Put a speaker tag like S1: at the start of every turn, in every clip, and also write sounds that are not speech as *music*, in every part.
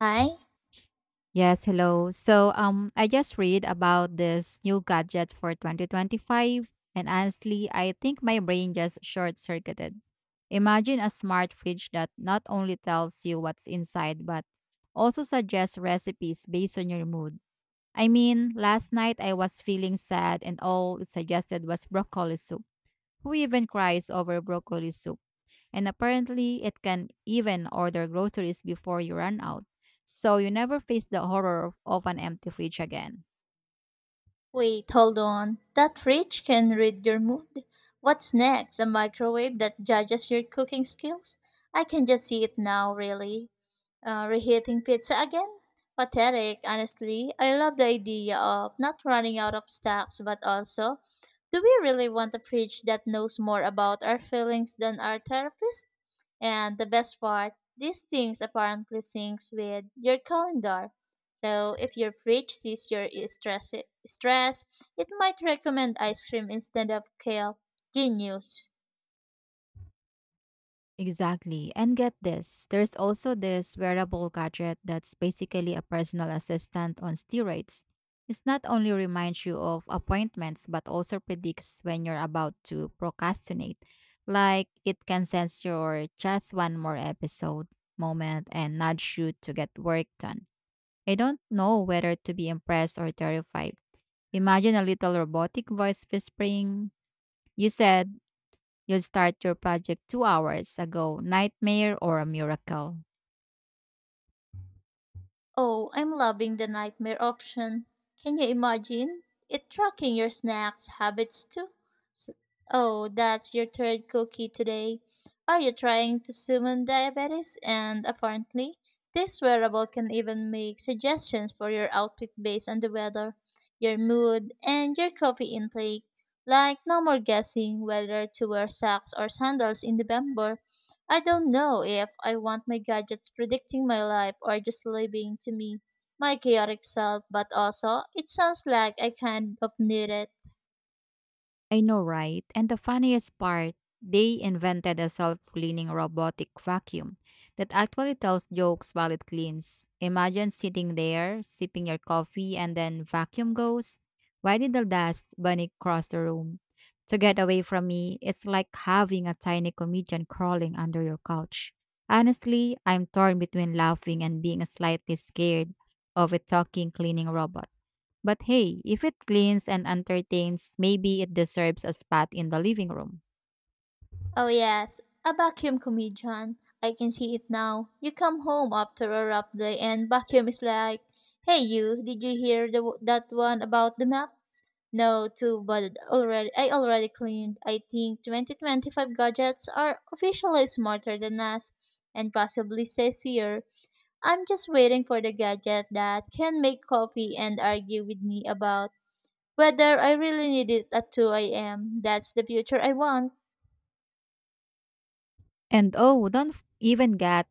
S1: Hi.
S2: Yes, hello. I just read about this new gadget for 2025, and honestly, I think my brain just short circuited. Imagine a smart fridge that not only tells you what's inside, but also suggests recipes based on your mood. I mean, last night I was feeling sad, and all it suggested was broccoli soup. Who even cries over broccoli soup? And apparently, it can even order groceries before you run out. So you never face the horror of an empty fridge again.
S1: Wait, hold on. That fridge can read your mood. What's next? A microwave that judges your cooking skills? I can just see it now, really. Reheating pizza again? Pathetic, honestly. I love the idea of not running out of stocks, but also, do we really want a fridge that knows more about our feelings than our therapist? And the best part, these things apparently syncs with your calendar. So if your fridge sees your stress, it might recommend ice cream instead of kale. Genius.
S2: Exactly. And get this, there's also this wearable gadget that's basically a personal assistant on steroids. It not only reminds you of appointments, but also predicts when you're about to procrastinate. Like it can sense your just one more episode moment and nudge you to get work done. I don't know whether to be impressed or terrified. Imagine a little robotic voice whispering, "You said you'll start your project 2 hours ago." Nightmare or a miracle?
S1: Oh, I'm loving the nightmare option. Can you imagine it tracking your snacks habits too? S- Oh, that's your third cookie today. Are you trying to summon diabetes? And apparently, this wearable can even make suggestions for your outfit based on the weather, your mood, and your coffee intake. Like, no more guessing whether to wear socks or sandals in November. I don't know if I want my gadgets predicting my life or just living to me my chaotic self, but also it sounds like I kind of need it.
S2: I know, right? And the funniest part, they invented a self cleaning robotic vacuum that actually tells jokes while it cleans. Imagine sitting there, sipping your coffee, and then vacuum goes, "Why did the dust bunny cross the room? To get away from me." It's like having a tiny comedian crawling under your couch. Honestly, I'm torn between laughing and being slightly scared of a talking cleaning robot. But hey, if it cleans and entertains, maybe it deserves a spot in the living room.
S1: Oh, yes, a vacuum comedian. I can see it now. You come home after a rough day and vacuum is like, hey, you, did you hear that one about the map? No, too, but already I already cleaned. I think 2025 gadgets are officially smarter than us and possibly sassier. I'm just waiting for the gadget that can make coffee and argue with me about whether I really need it at 2 a.m. That's the future I want.
S2: And oh, don't even get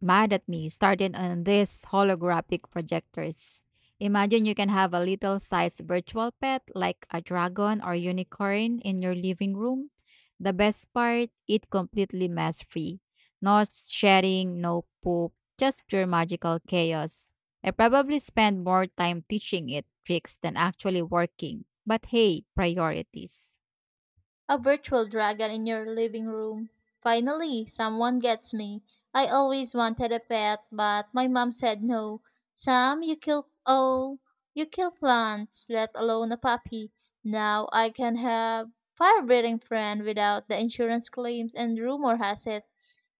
S2: mad at me starting on these holographic projectors. Imagine you can have a little sized virtual pet like a dragon or unicorn in your living room. The best part, it completely mess free. No shedding, no poop, just pure magical chaos. I probably spend more time teaching it tricks than actually working. But hey, priorities.
S1: A virtual dragon in your living room. Finally, someone gets me. I always wanted a pet, but my mom said no. Sam, you kill plants, let alone a puppy. Now I can have fire-breathing friend without the insurance claims, and rumor has it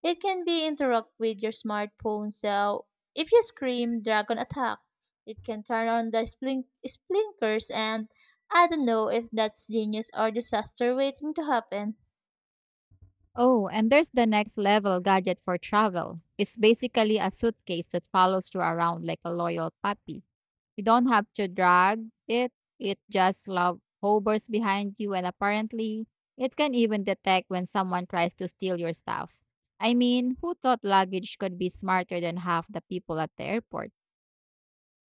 S1: it can be interact with your smartphone, so if you scream dragon attack, it can turn on the splinkers, and I don't know if that's genius or disaster waiting to happen.
S2: Oh, and there's the next level gadget for travel. It's basically a suitcase that follows you around like a loyal puppy. You don't have to drag it, it just love hovers behind you, and apparently, it can even detect when someone tries to steal your stuff. I mean, who thought luggage could be smarter than half the people at the airport?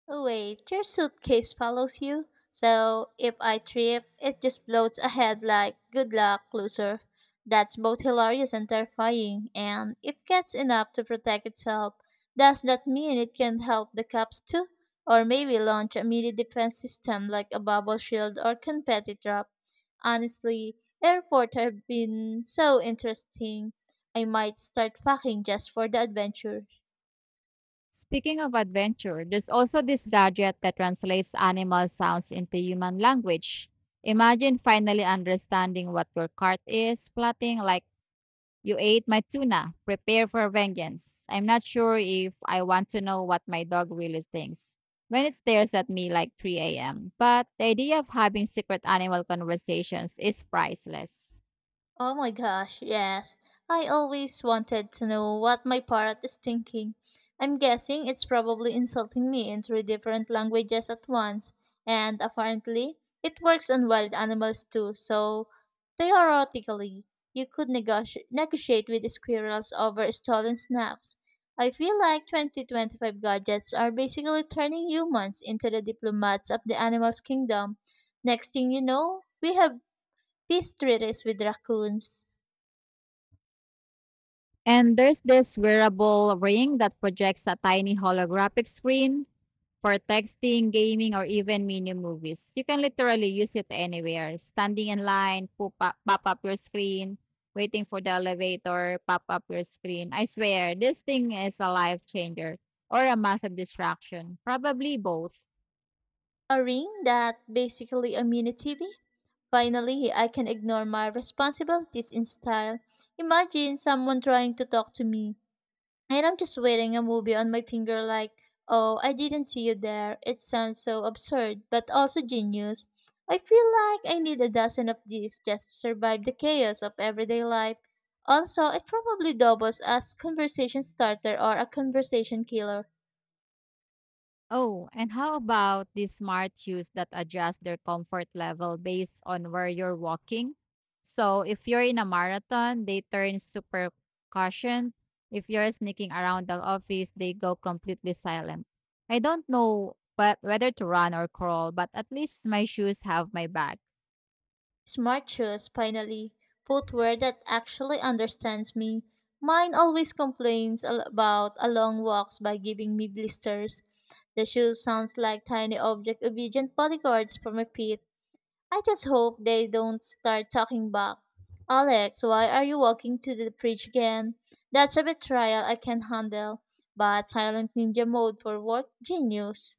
S1: Oh, wait, your suitcase follows you? So if I trip, it just floats ahead like, good luck, loser. That's both hilarious and terrifying, and if gets enough to protect itself, does that mean it can help the cops too? Or maybe launch a mini defense system like a bubble shield or confetti drop? Honestly, airport have been so interesting. I might start packing just for the adventure.
S2: Speaking of adventure, there's also this gadget that translates animal sounds into human language. Imagine finally understanding what your cart is plotting, like, "You ate my tuna, prepare for vengeance." I'm not sure if I want to know what my dog really thinks when it stares at me like 3 a.m., but the idea of having secret animal conversations is priceless.
S1: Oh my gosh, yes. I always wanted to know what my parrot is thinking. I'm guessing it's probably insulting me in three different languages at once, and apparently, it works on wild animals too, so theoretically, you could negotiate with squirrels over stolen snacks. I feel like 2025 gadgets are basically turning humans into the diplomats of the animals' kingdom. Next thing you know, we have peace treaties with raccoons.
S2: And there's this wearable ring that projects a tiny holographic screen for texting, gaming, or even mini movies. You can literally use it anywhere. Standing in line, pop up your screen. Waiting for the elevator, pop up your screen. I swear, this thing is a life changer or a massive distraction. Probably both.
S1: A ring that basically a mini TV? Finally, I can ignore my responsibilities in style. Imagine someone trying to talk to me, and I'm just waiting a movie on my finger, like, oh, I didn't see you there. It sounds so absurd, but also genius. I feel like I need a dozen of these just to survive the chaos of everyday life. Also, it probably doubles as conversation starter or a conversation killer.
S2: Oh, and how about these smart shoes that adjust their comfort level based on where you're walking? So if you're in a marathon, they turn super caution. If you're sneaking around the office, they go completely silent. I don't know but whether to run or crawl, but at least my shoes have my back.
S1: Smart shoes, finally. Footwear that actually understands me. Mine always complains about a long walks by giving me blisters. The shoe sounds like tiny object obedient bodyguards for my feet. I just hope they don't start talking back. Alex, why are you walking to the bridge again? That's a betrayal I can handle, but silent ninja mode for work genius.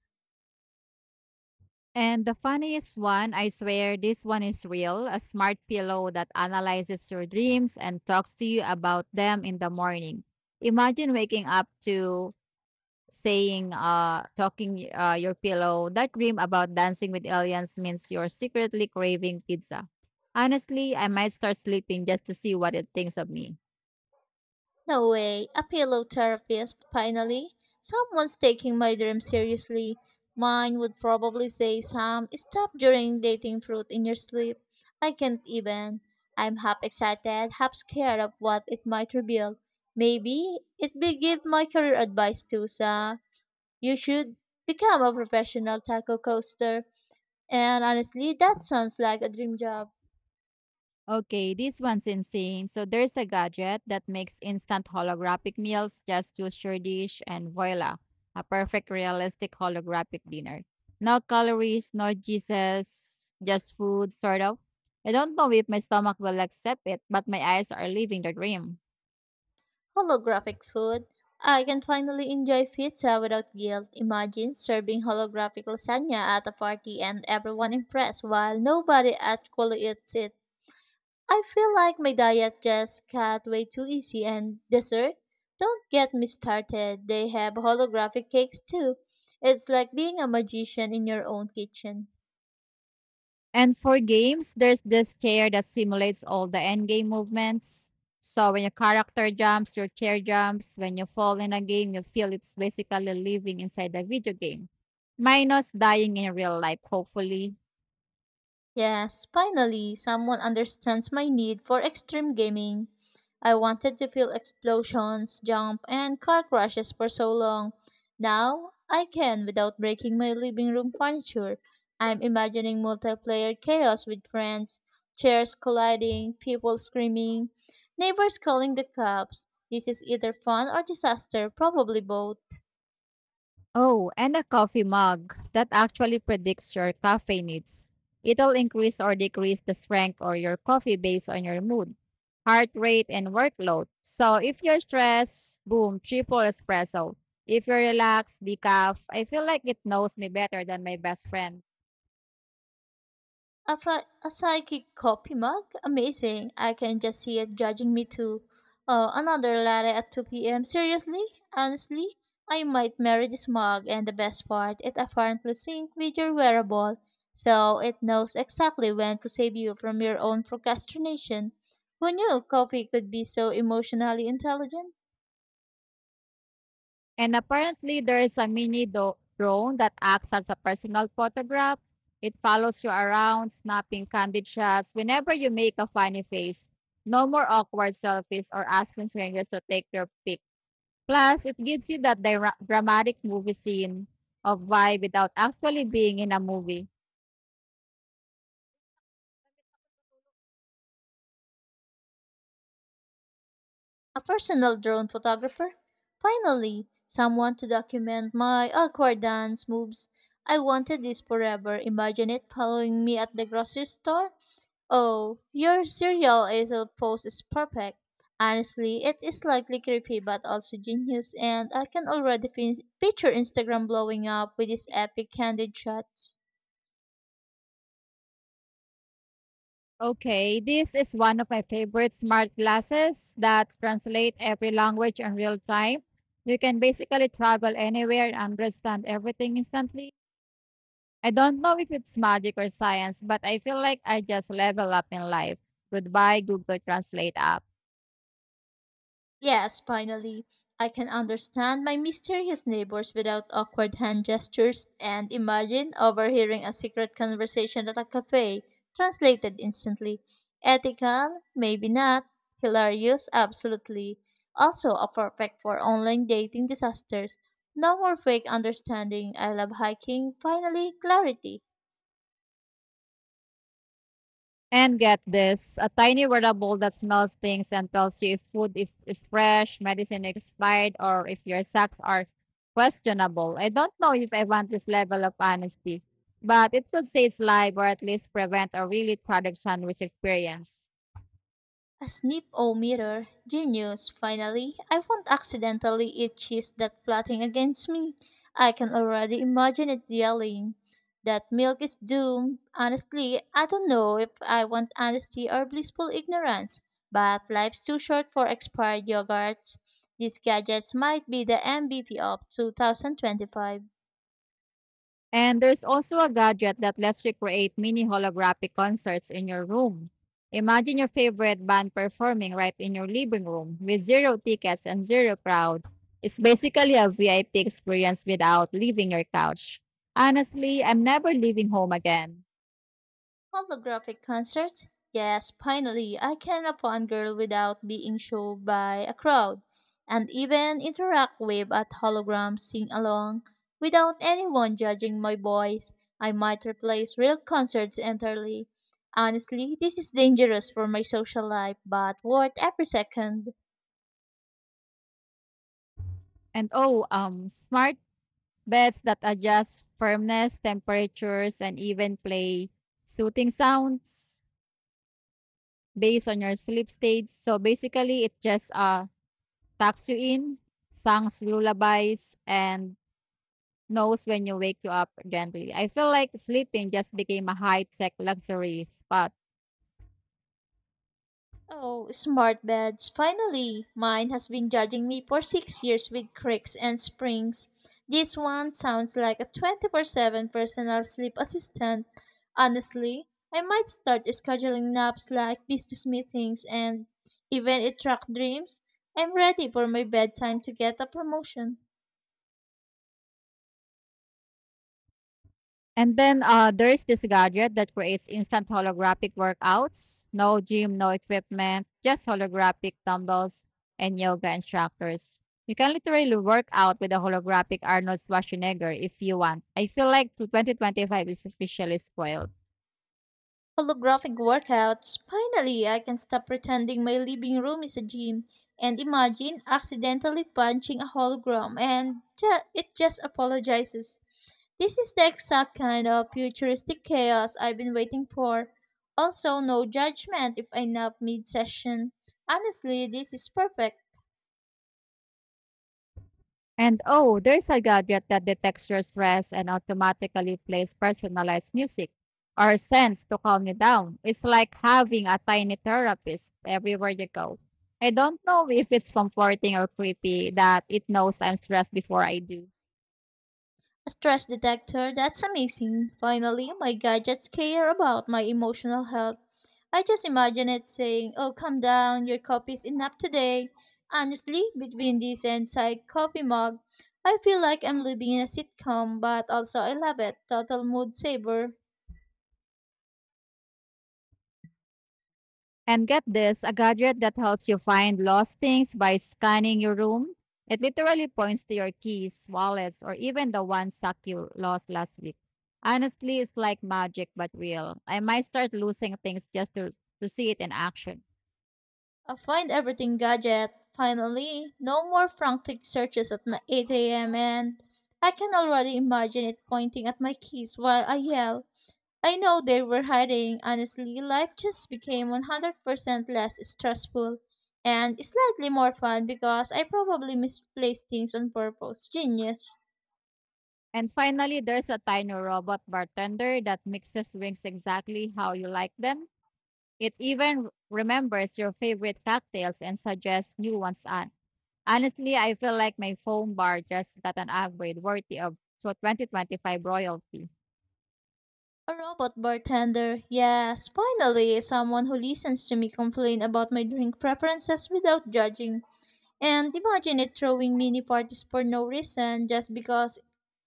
S2: And the funniest one, I swear this one is real, a smart pillow that analyzes your dreams and talks to you about them in the morning. Imagine waking up to saying talking your pillow, that dream about dancing with aliens means you're secretly craving pizza. Honestly, I might start sleeping just to see what it thinks of me.
S1: No way, a pillow therapist, finally. Someone's taking my dream seriously. Mine would probably say, Sam, stop during dating fruit in your sleep. I can't even. I'm half excited, half scared of what it might reveal. Maybe it will give my career advice too, Sam. You should become a professional taco coaster. And honestly, that sounds like a dream job.
S2: Okay, this one's insane. So there's a gadget that makes instant holographic meals. Just choose your dish and voila, a perfect realistic holographic dinner. No calories, no juices, just food, sort of. I don't know if my stomach will accept it, but my eyes are living the dream.
S1: Holographic food. I can finally enjoy pizza without guilt. Imagine serving holographic lasagna at a party and everyone impressed while nobody actually eats it. I feel like my diet just got way too easy and dessert? Don't get me started. They have holographic cakes too. It's like being a magician in your own kitchen.
S2: And for games, there's this chair that simulates all the endgame movements. So when your character jumps, your chair jumps. When you fall in a game, you feel It's basically living inside a video game, minus dying in real life, hopefully.
S1: Yes, finally, someone understands my need for extreme gaming. I wanted to feel explosions, jump, and car crashes for so long. Now, I can without breaking my living room furniture. I'm imagining multiplayer chaos with friends, chairs colliding, people screaming, neighbors calling the cops. This is either fun or disaster, probably both.
S2: Oh, and a coffee mug that actually predicts your cafe needs. It'll increase or decrease the strength or your coffee based on your mood, heart rate, and workload. So if you're stressed, boom, triple espresso. If you're relaxed, decaf. I feel like it knows me better than my best friend.
S1: A psychic coffee mug? Amazing. I can just see it judging me too. Oh, another latte at 2 p.m. Seriously? Honestly? I might marry this mug, and the best part, it apparently syncs with your wearable, so it knows exactly when to save you from your own procrastination. Who knew coffee could be so emotionally intelligent?
S2: And apparently, there is a mini drone that acts as a personal photograph. It follows you around, snapping candid shots whenever you make a funny face. No more awkward selfies or asking strangers to take your pic. Plus, it gives you that dramatic movie scene of vibe without actually being in a movie.
S1: A personal drone photographer. Finally, someone to document my awkward dance moves. I wanted this forever. Imagine it following me at the grocery store. Oh, your serial ASL post is perfect. Honestly, it is slightly creepy but also genius, and I can already picture Instagram blowing up with these epic candid shots.
S2: Okay, this is one of my favorite smart glasses that translate every language in real time. You can basically travel anywhere and understand everything instantly. I don't know if it's magic or science, but I feel like I just level up in life. Goodbye, Google Translate app.
S1: Yes, finally, I can understand my mysterious neighbors without awkward hand gestures and imagine overhearing a secret conversation at a cafe, translated instantly. Ethical? Maybe not. Hilarious? Absolutely. Also, a perfect for online dating disasters. No more fake understanding. I love hiking. Finally, clarity.
S2: And get this, a tiny wearable that smells things and tells you if food if, is fresh, medicine expired, or if your socks are questionable. I don't know if I want this level of honesty, but it could save life or at least prevent a really tragic sandwich experience.
S1: A snip o mirror, genius, finally. I won't accidentally eat cheese that plotting against me. I can already imagine it yelling. That milk is doomed. Honestly, I don't know if I want honesty or blissful ignorance, but life's too short for expired yogurts. These gadgets might be the MVP of 2025.
S2: And there's also a gadget that lets you create mini holographic concerts in your room. Imagine your favorite band performing right in your living room with zero tickets and zero crowd. It's basically a VIP experience without leaving your couch. Honestly, I'm never leaving home again.
S1: Holographic concerts? Yes, finally, I can upon girl without being showed by a crowd, and even interact with at hologram sing along without anyone judging my voice. I might replace real concerts entirely. Honestly, this is dangerous for my social life, but worth every second.
S2: And smart beds that adjust firmness, temperatures, and even play soothing sounds based on your sleep stage. So basically, it just tucks you in, songs lullabies, and knows when you wake you up gently. I feel like sleeping just became a high-tech luxury spot.
S1: Oh, smart beds. Finally, mine has been judging me for 6 years with creaks and springs. This one sounds like a 24-7 personal sleep assistant. Honestly, I might start scheduling naps like business meetings and even it track dreams. I'm ready for my bedtime to get a promotion.
S2: And then there's this gadget that creates instant holographic workouts. No gym, no equipment, just holographic dumbbells and yoga instructors. You can literally work out with a holographic Arnold Schwarzenegger if you want. I feel like 2025 is officially spoiled.
S1: Holographic workouts. Finally, I can stop pretending my living room is a gym and imagine accidentally punching a hologram and it just apologizes. This is the exact kind of futuristic chaos I've been waiting for. Also, no judgment if I nap mid session. Honestly, this is perfect.
S2: And oh, there's a gadget that detects your stress and automatically plays personalized music or scents to calm you down. It's like having a tiny therapist everywhere you go. I don't know *laughs* if it's comforting or creepy that it knows I'm stressed before I do.
S1: A stress detector, that's amazing. Finally, my gadgets care about my emotional health. I just imagine it saying, oh, calm down, your coffee's enough today. Honestly, between this and side coffee mug, I feel like I'm living in a sitcom, but also I love it. Total mood saver.
S2: And get this, a gadget that helps you find lost things by scanning your room. It literally points to your keys, wallets, or even the one sock you lost last week. Honestly, it's like magic but real. I might start losing things to see it in action.
S1: A find everything gadget. Finally, no more frantic searches at my 8 a.m. and I can already imagine it pointing at my keys while I yell. I know they were hiding. Honestly, life just became 100% less stressful and slightly more fun because I probably misplaced things on purpose. Genius.
S2: And finally, there's a tiny robot bartender that mixes drinks exactly how you like them. It even remembers your favorite cocktails and suggests new ones. On. Honestly, I feel like my phone bar just got an upgrade worthy of so 2025 royalty.
S1: A robot bartender. Yes, finally, someone who listens to me complain about my drink preferences without judging. And imagine it throwing mini parties for no reason just because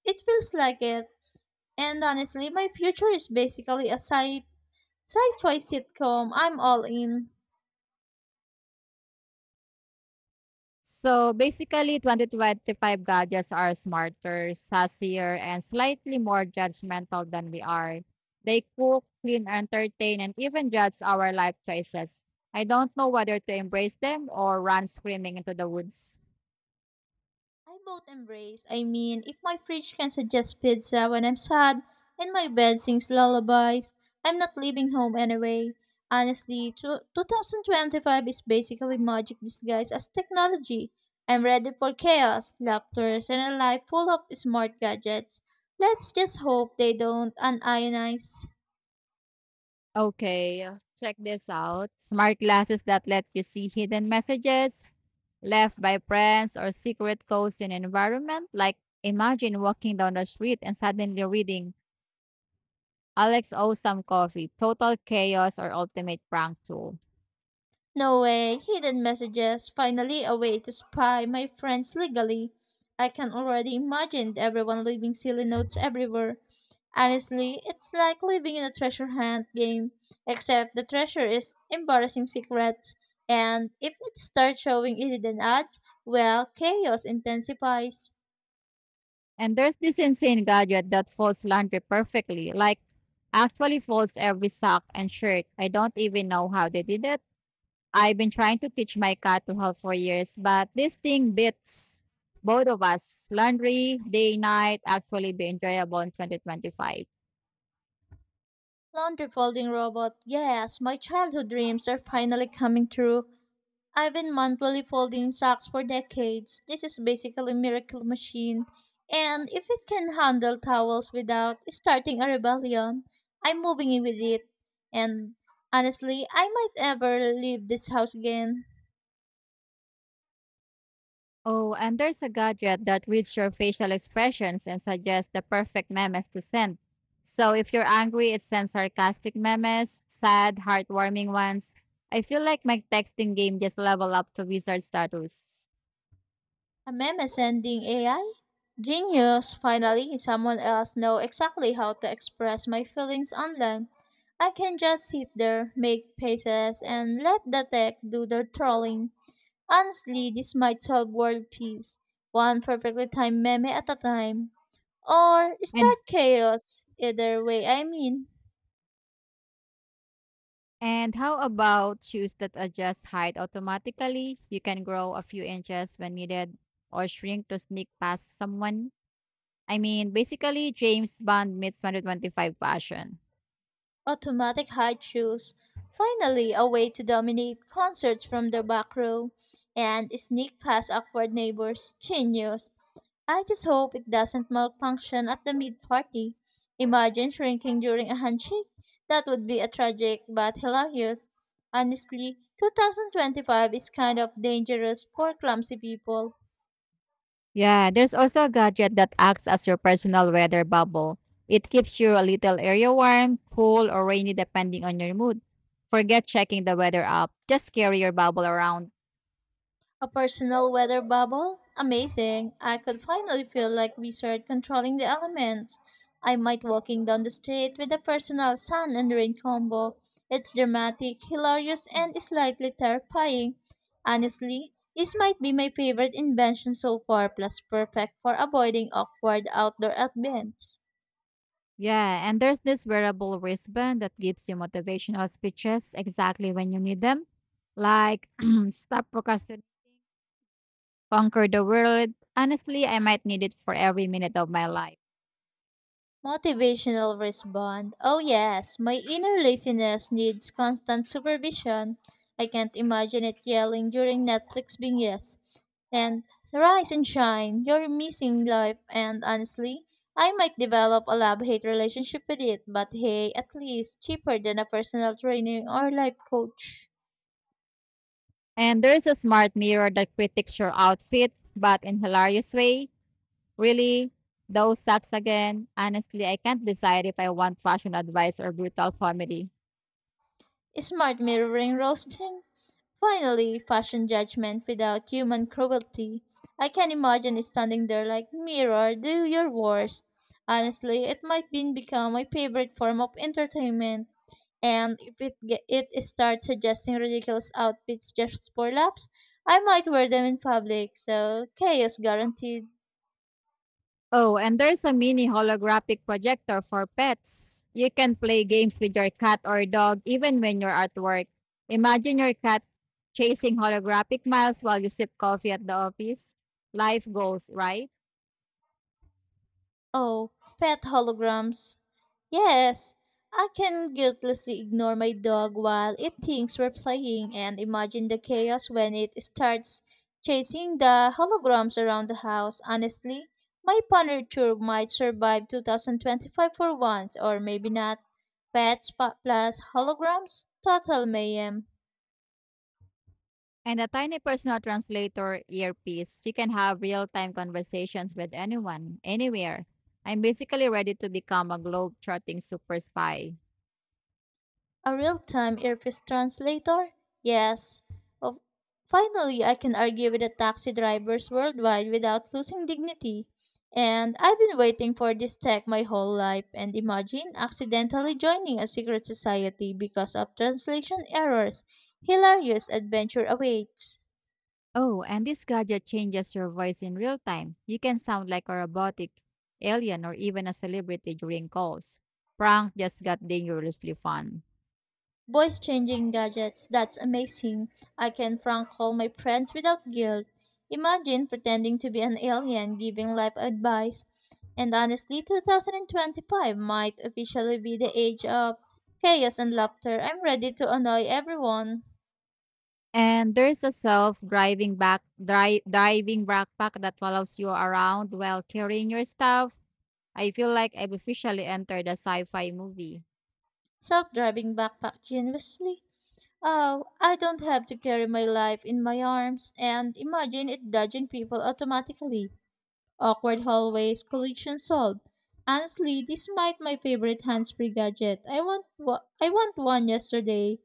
S1: it feels like it. And honestly, my future is basically a sci-fi sitcom. I'm all in.
S2: So basically, 2025 gadgets are smarter, sassier, and slightly more judgmental than we are. They cook, clean, entertain, and even judge our life choices. I don't know whether to embrace them or run screaming into the woods.
S1: I both embrace. I mean, if my fridge can suggest pizza when I'm sad and my bed sings lullabies, I'm not leaving home anyway. Honestly, 2025 is basically magic disguised as technology. I'm ready for chaos, laughter, and a life full of smart gadgets. Let's just hope they don't unionize.
S2: Okay, check this out. Smart glasses that let you see hidden messages left by friends or secret codes in environment. Like imagine walking down the street and suddenly reading "Alex Osam's Coffee, Total Chaos" or "Ultimate Prank Tool."
S1: No way, hidden messages, finally a way to spy my friends legally. I can already imagine everyone leaving silly notes everywhere. Honestly, it's like living in a treasure hunt game, except the treasure is embarrassing secrets, and if it starts showing hidden ads, well, chaos intensifies.
S2: And there's this insane gadget that folds laundry perfectly, like actually folds every sock and shirt. I don't even know how they did it. I've been trying to teach my cat to help for years, but this thing beats both of us. Laundry, day, night, actually be enjoyable in 2025.
S1: Laundry folding robot, yes, my childhood dreams are finally coming true. I've been manually folding socks for decades. This is basically a miracle machine. And if it can handle towels without starting a rebellion, I'm moving in with it. And honestly, I might never leave this house again.
S2: Oh, and there's a gadget that reads your facial expressions and suggests the perfect memes to send. So if you're angry, it sends sarcastic memes, sad, heartwarming ones. I feel like my texting game just level up to wizard status.
S1: A meme sending AI? Genius, finally, someone else know exactly how to express my feelings online. I can just sit there, make faces, and let the tech do their trolling. Honestly, this might solve world peace, one perfectly timed meme at a time. Or
S2: And
S1: start chaos, either way, I mean.
S2: And how about shoes that adjust height automatically? You can grow a few inches when needed or shrink to sneak past someone. I mean, basically, James Bond meets 125 fashion.
S1: Automatic high shoes, finally a way to dominate concerts from the back row, and sneak past awkward neighbors, genius. I just hope it doesn't malfunction at the mid party. Imagine shrinking during a handshake. That would be a tragic but hilarious. Honestly, 2025 is kind of dangerous for clumsy people.
S2: Yeah, there's also a gadget that acts as your personal weather bubble. It keeps you a little area warm, cool, or rainy depending on your mood. Forget checking the weather app. Just carry your bubble around.
S1: A personal weather bubble? Amazing. I could finally feel like we start controlling the elements. I might walking down the street with a personal sun and rain combo. It's dramatic, hilarious, and slightly terrifying. Honestly, this might be my favorite invention so far, plus perfect for avoiding awkward outdoor events.
S2: Yeah, and there's this wearable wristband that gives you motivational speeches exactly when you need them, like *clears throat* stop procrastinating, conquer the world. Honestly, I might need it for every minute of my life.
S1: Motivational respond. Oh yes, my inner laziness needs constant supervision. I can't imagine it yelling during Netflix binges. And rise and shine, you're missing life and honestly, I might develop a love-hate relationship with it, but hey, at least cheaper than a personal training or life coach.
S2: And there's a smart mirror that critiques your outfit, but in hilarious way. Really, those sucks again. Honestly, I can't decide if I want fashion advice or brutal comedy.
S1: Smart mirroring roasting? Finally, fashion judgment without human cruelty. I can imagine standing there like, Mirror, do your worst. Honestly, it might be become my favorite form of entertainment. And if it starts suggesting ridiculous outfits just for laughs, I might wear them in public, so chaos guaranteed.
S2: Oh, and there's a mini holographic projector for pets. You can play games with your cat or dog even when you're at work. Imagine your cat chasing holographic miles while you sip coffee at the office. Life goes, right?
S1: Oh, pet holograms. Yes, I can guiltlessly ignore my dog while it thinks we're playing and imagine the chaos when it starts chasing the holograms around the house. Honestly, my furniture might survive 2025 for once, or maybe not. Pets plus holograms, total mayhem.
S2: And a tiny personal translator earpiece. You can have real time conversations with anyone, anywhere. I'm basically ready to become a globe trotting super spy.
S1: A real time earpiece translator? Yes. Of finally I can argue with the taxi drivers worldwide without losing dignity. And I've been waiting for this tech my whole life and imagine accidentally joining a secret society because of translation errors. Hilarious adventure awaits.
S2: Oh, and this gadget changes your voice in real time. You can sound like a robotic alien or even a celebrity during calls. Prank just got dangerously fun.
S1: Voice changing gadgets, that's amazing. I can prank call my friends without guilt. Imagine pretending to be an alien giving life advice. And honestly, 2025 might officially be the age of chaos and laughter. I'm ready to annoy everyone.
S2: And there's a self-driving driving backpack that follows you around while carrying your stuff. I feel like I've officially entered a sci-fi movie.
S1: Self driving backpack generously. Oh, I don't have to carry my life in my arms and imagine it dodging people automatically. Awkward hallways, collision solved. Honestly, this might my favorite hands-free gadget. I want one yesterday.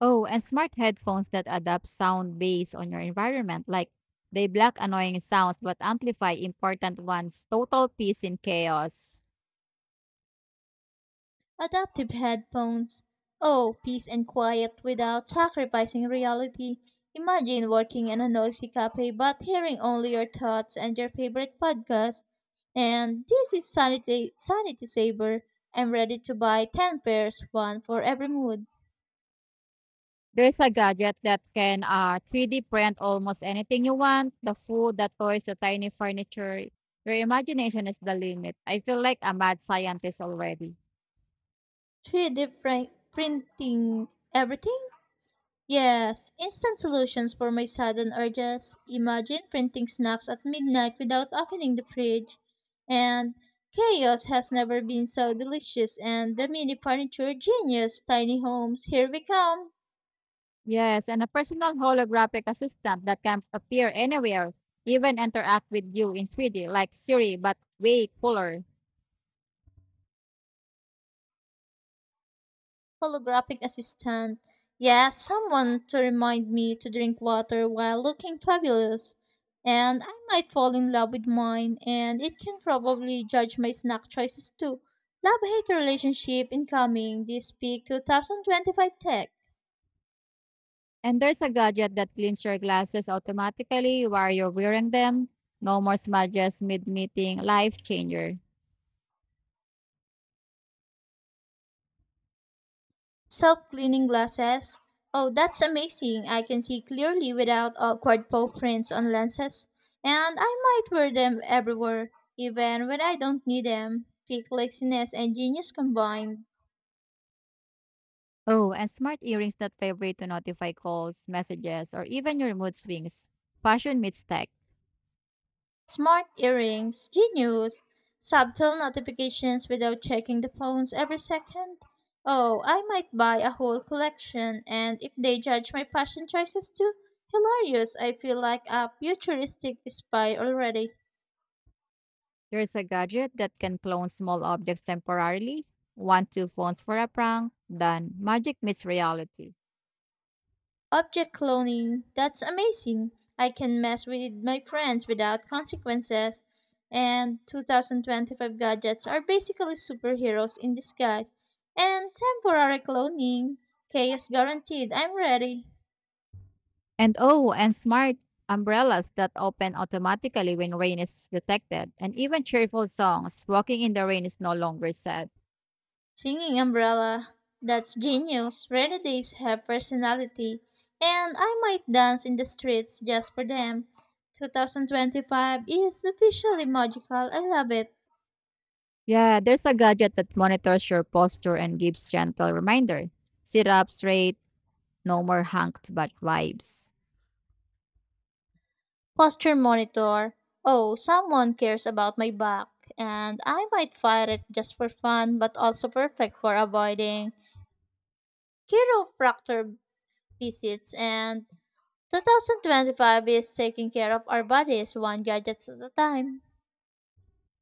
S2: Oh, and smart headphones that adapt sound based on your environment. Like they block annoying sounds but amplify important ones. Total peace in chaos.
S1: Adaptive headphones. Oh, peace and quiet without sacrificing reality. Imagine working in a noisy cafe but hearing only your thoughts and your favorite podcast. And this is Sanity Saver. I'm ready to buy 10 pairs, one for every mood.
S2: There's a gadget that can 3D print almost anything you want, the food, the toys, the tiny furniture. Your imagination is the limit. I feel like a mad scientist already.
S1: Three different printing everything? Yes, instant solutions for my sudden urges. Imagine printing snacks at midnight without opening the fridge. And chaos has never been so delicious, and the mini furniture genius, tiny homes, here we come.
S2: Yes, and a personal holographic assistant that can appear anywhere, even interact with you in 3D, like Siri, but way cooler.
S1: Holographic assistant. Yeah, someone to remind me to drink water while looking fabulous. And I might fall in love with mine, and it can probably judge my snack choices too. Love hate relationship incoming this peak 2025 tech.
S2: And there's a gadget that cleans your glasses automatically while you're wearing them. No more smudges mid meeting, life changer.
S1: Self cleaning glasses. Oh, that's amazing. I can see clearly without awkward paw prints on lenses. And I might wear them everywhere, even when I don't need them. Peak laziness and genius combined.
S2: Oh, and smart earrings that vibrate to notify calls, messages, or even your mood swings. Fashion meets tech.
S1: Smart earrings, genius, subtle notifications without checking the phones every second. Oh, I might buy a whole collection, and if they judge my fashion choices too, hilarious. I feel like a futuristic spy already.
S2: There's a gadget that can clone small objects temporarily. One, two phones for a prank. Done. Magic meets reality.
S1: Object cloning, that's amazing. I can mess with my friends without consequences. And 2025 gadgets are basically superheroes in disguise. And temporary cloning, chaos guaranteed. I'm ready.
S2: And oh, and smart umbrellas that open automatically when rain is detected. And even cheerful songs. Walking in the rain is no longer sad.
S1: Singing umbrella, that's genius. Rainy days have personality. And I might dance in the streets just for them. 2025 is officially magical. I love it.
S2: Yeah, there's a gadget that monitors your posture and gives gentle reminder. Sit up straight. No more hunked but vibes.
S1: Posture monitor, oh, someone cares about my back, and I might fire it just for fun, but also perfect for avoiding chiropractor visits. And 2025 is taking care of our bodies one gadget at a time.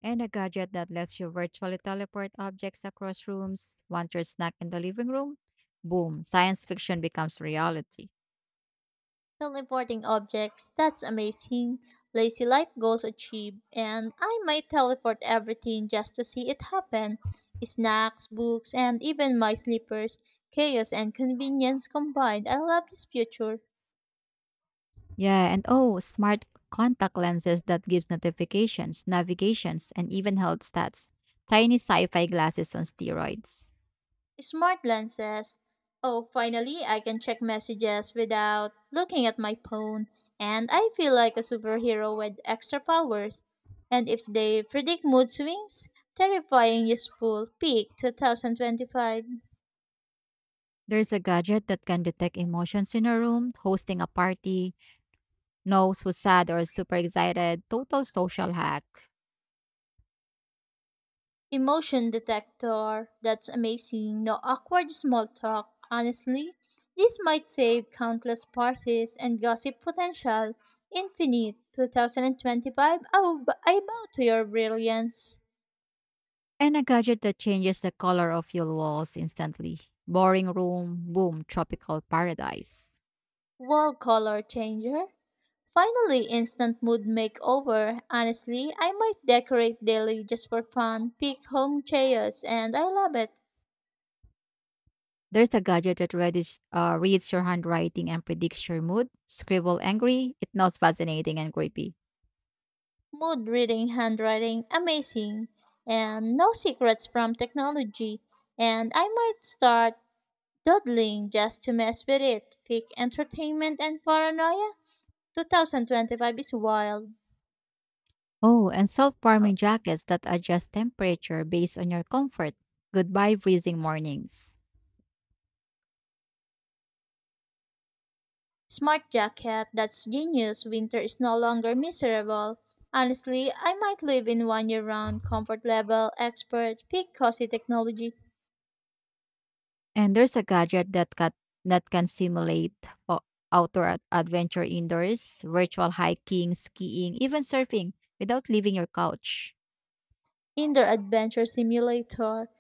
S2: And a gadget that lets you virtually teleport objects across rooms. Want your snack in the living room? Boom, science fiction becomes reality.
S1: Teleporting objects, that's amazing. Lazy life goals achieved, and I might teleport everything just to see it happen. Snacks, books, and even my slippers. Chaos and convenience combined. I love this future.
S2: Yeah, and oh, smart contact lenses that gives notifications, navigations, and even health stats. Tiny sci-fi glasses on steroids.
S1: Smart lenses. Oh, finally, I can check messages without looking at my phone. And I feel like a superhero with extra powers. And if they predict mood swings, terrifying useful peak 2025.
S2: There's a gadget that can detect emotions in a room, hosting a party, knows who's sad or super excited, total social hack.
S1: Emotion detector. That's amazing. No awkward small talk. Honestly, this might save countless parties and gossip potential. Infinite 2025. Oh, but I bow to your brilliance.
S2: And a gadget that changes the color of your walls instantly. Boring room, boom, tropical paradise.
S1: Wall color changer. Finally, instant mood makeover. Honestly, I might decorate daily just for fun. Pick home chairs, and I love it.
S2: There's a gadget that reads your handwriting and predicts your mood. Scribble angry, it knows fascinating and creepy.
S1: Mood reading handwriting, amazing, and no secrets from technology. And I might start doodling just to mess with it. Fake entertainment and paranoia? 2025 is wild.
S2: Oh, and self-warming jackets that adjust temperature based on your comfort. Goodbye freezing mornings.
S1: Smart jacket, that's genius. Winter is no longer miserable. Honestly, I might live in one year round comfort level expert peak cozy technology.
S2: And there's a gadget that that can simulate o- outdoor adventure indoors, virtual hiking, skiing, even surfing without leaving your couch.
S1: In Indoor Adventure Simulator.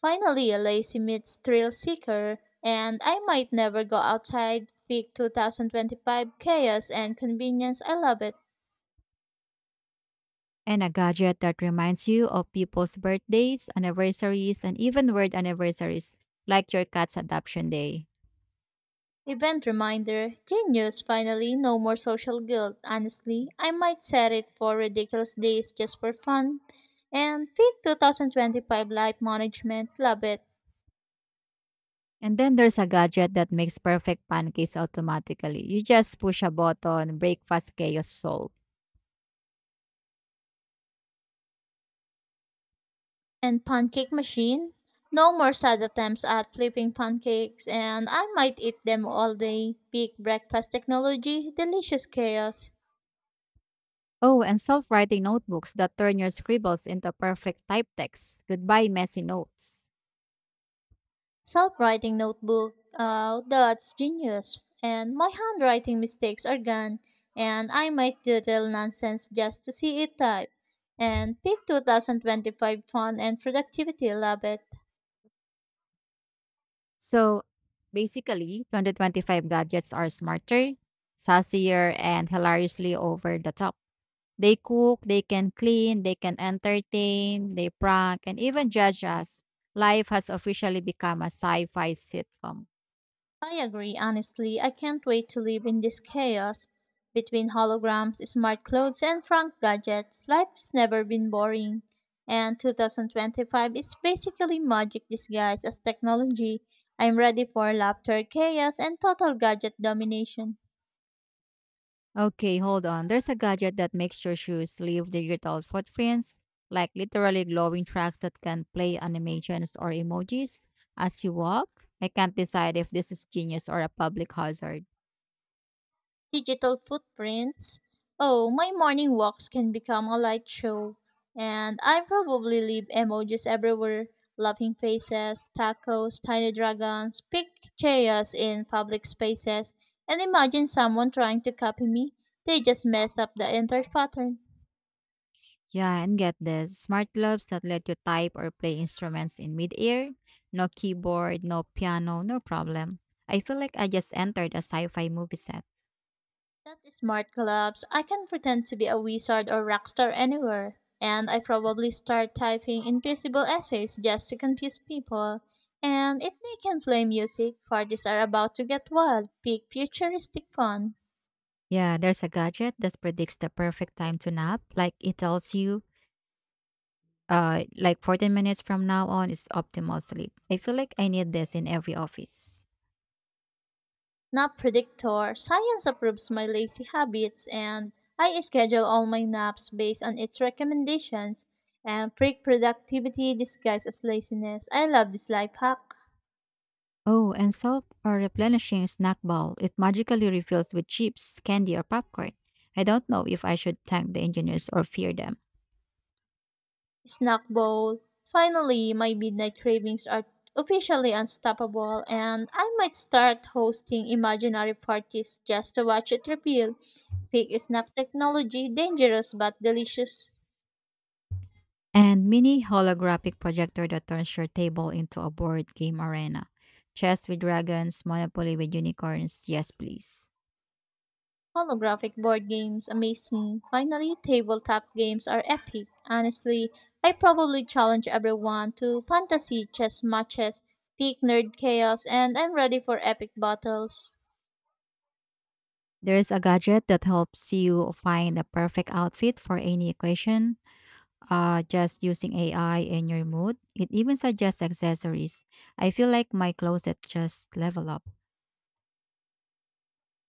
S1: Finally, a lazy meets thrill seeker, and I might never go outside. Peak 2025 chaos and convenience. I love it.
S2: And a gadget that reminds you of people's birthdays, anniversaries, and even weird anniversaries, like your cat's adoption day.
S1: Event reminder Genius, finally, no more social guilt. Honestly, I might set it for ridiculous days just for fun. And peak 2025 life management. Love it.
S2: And then there's a gadget that makes perfect pancakes automatically. You just push a button, breakfast chaos solved.
S1: And pancake machine. No more sad attempts at flipping pancakes, and I might eat them all day. Big breakfast technology, delicious chaos.
S2: Oh, and self writing notebooks that turn your scribbles into perfect type text. Goodbye, messy notes.
S1: Self writing notebook, that's genius. And my handwriting mistakes are gone, and I might doodle nonsense just to see it type. And peak 2025 fun and productivity, love it.
S2: So basically, 2025 gadgets are smarter, sassier, and hilariously over the top. They cook, they can clean, they can entertain, they prank, and even judge us. Life has officially become a sci fi sitcom.
S1: I agree, honestly. I can't wait to live in this chaos. Between holograms, smart clothes, and frank gadgets, life's never been boring. And 2025 is basically magic disguised as technology. I'm ready for laughter, chaos, and total gadget domination.
S2: Okay, hold on. There's a gadget that makes your shoes leave digital footprints, like literally glowing tracks that can play animations or emojis as you walk. I can't decide if this is genius or a public hazard.
S1: Digital footprints. Oh, my morning walks can become a light show. And I probably leave emojis everywhere laughing faces, tacos, tiny dragons, big chaos in public spaces. And imagine someone trying to copy me. They just mess up the entire pattern.
S2: Yeah, and get this smart gloves that let you type or play instruments in midair. No keyboard, no piano, no problem. I feel like I just entered a sci fi movie set.
S1: That smart collapse. I can pretend to be a wizard or rock star anywhere. And I probably start typing invisible essays just to confuse people. And if they can play music, parties are about to get wild. Peak futuristic fun.
S2: Yeah, there's a gadget that predicts the perfect time to nap. Like it tells you, like 14 minutes from now on is optimal sleep. I feel like I need this in every office.
S1: Nap predictor. Science approves my lazy habits and I schedule all my naps based on its recommendations. And freak productivity disguised as laziness. I love this life hack.
S2: Oh, and self or replenishing snack bowl. It magically refills with chips, candy, or popcorn. I don't know if I should thank the engineers or fear them.
S1: Snack bowl. Finally, my midnight cravings are officially unstoppable, and I might start hosting imaginary parties just to watch it repeal. Peak Snacks technology, dangerous but delicious.
S2: And mini holographic projector that turns your table into a board game arena. Chess with dragons, Monopoly with unicorns, yes please.
S1: Holographic board games, amazing. Finally, tabletop games are epic. Honestly, I probably challenge everyone to fantasy chess matches, peak nerd chaos, and I'm ready for epic battles.
S2: There's a gadget that helps you find the perfect outfit for any occasion, just using AI and your mood. It even suggests accessories. I feel like my closet just level up.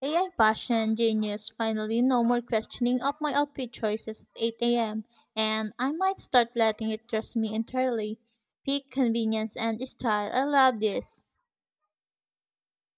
S1: AI fashion genius finally no more questioning of my outfit choices at 8 a.m. And I might start letting it dress me entirely. Peak convenience and style. I love this.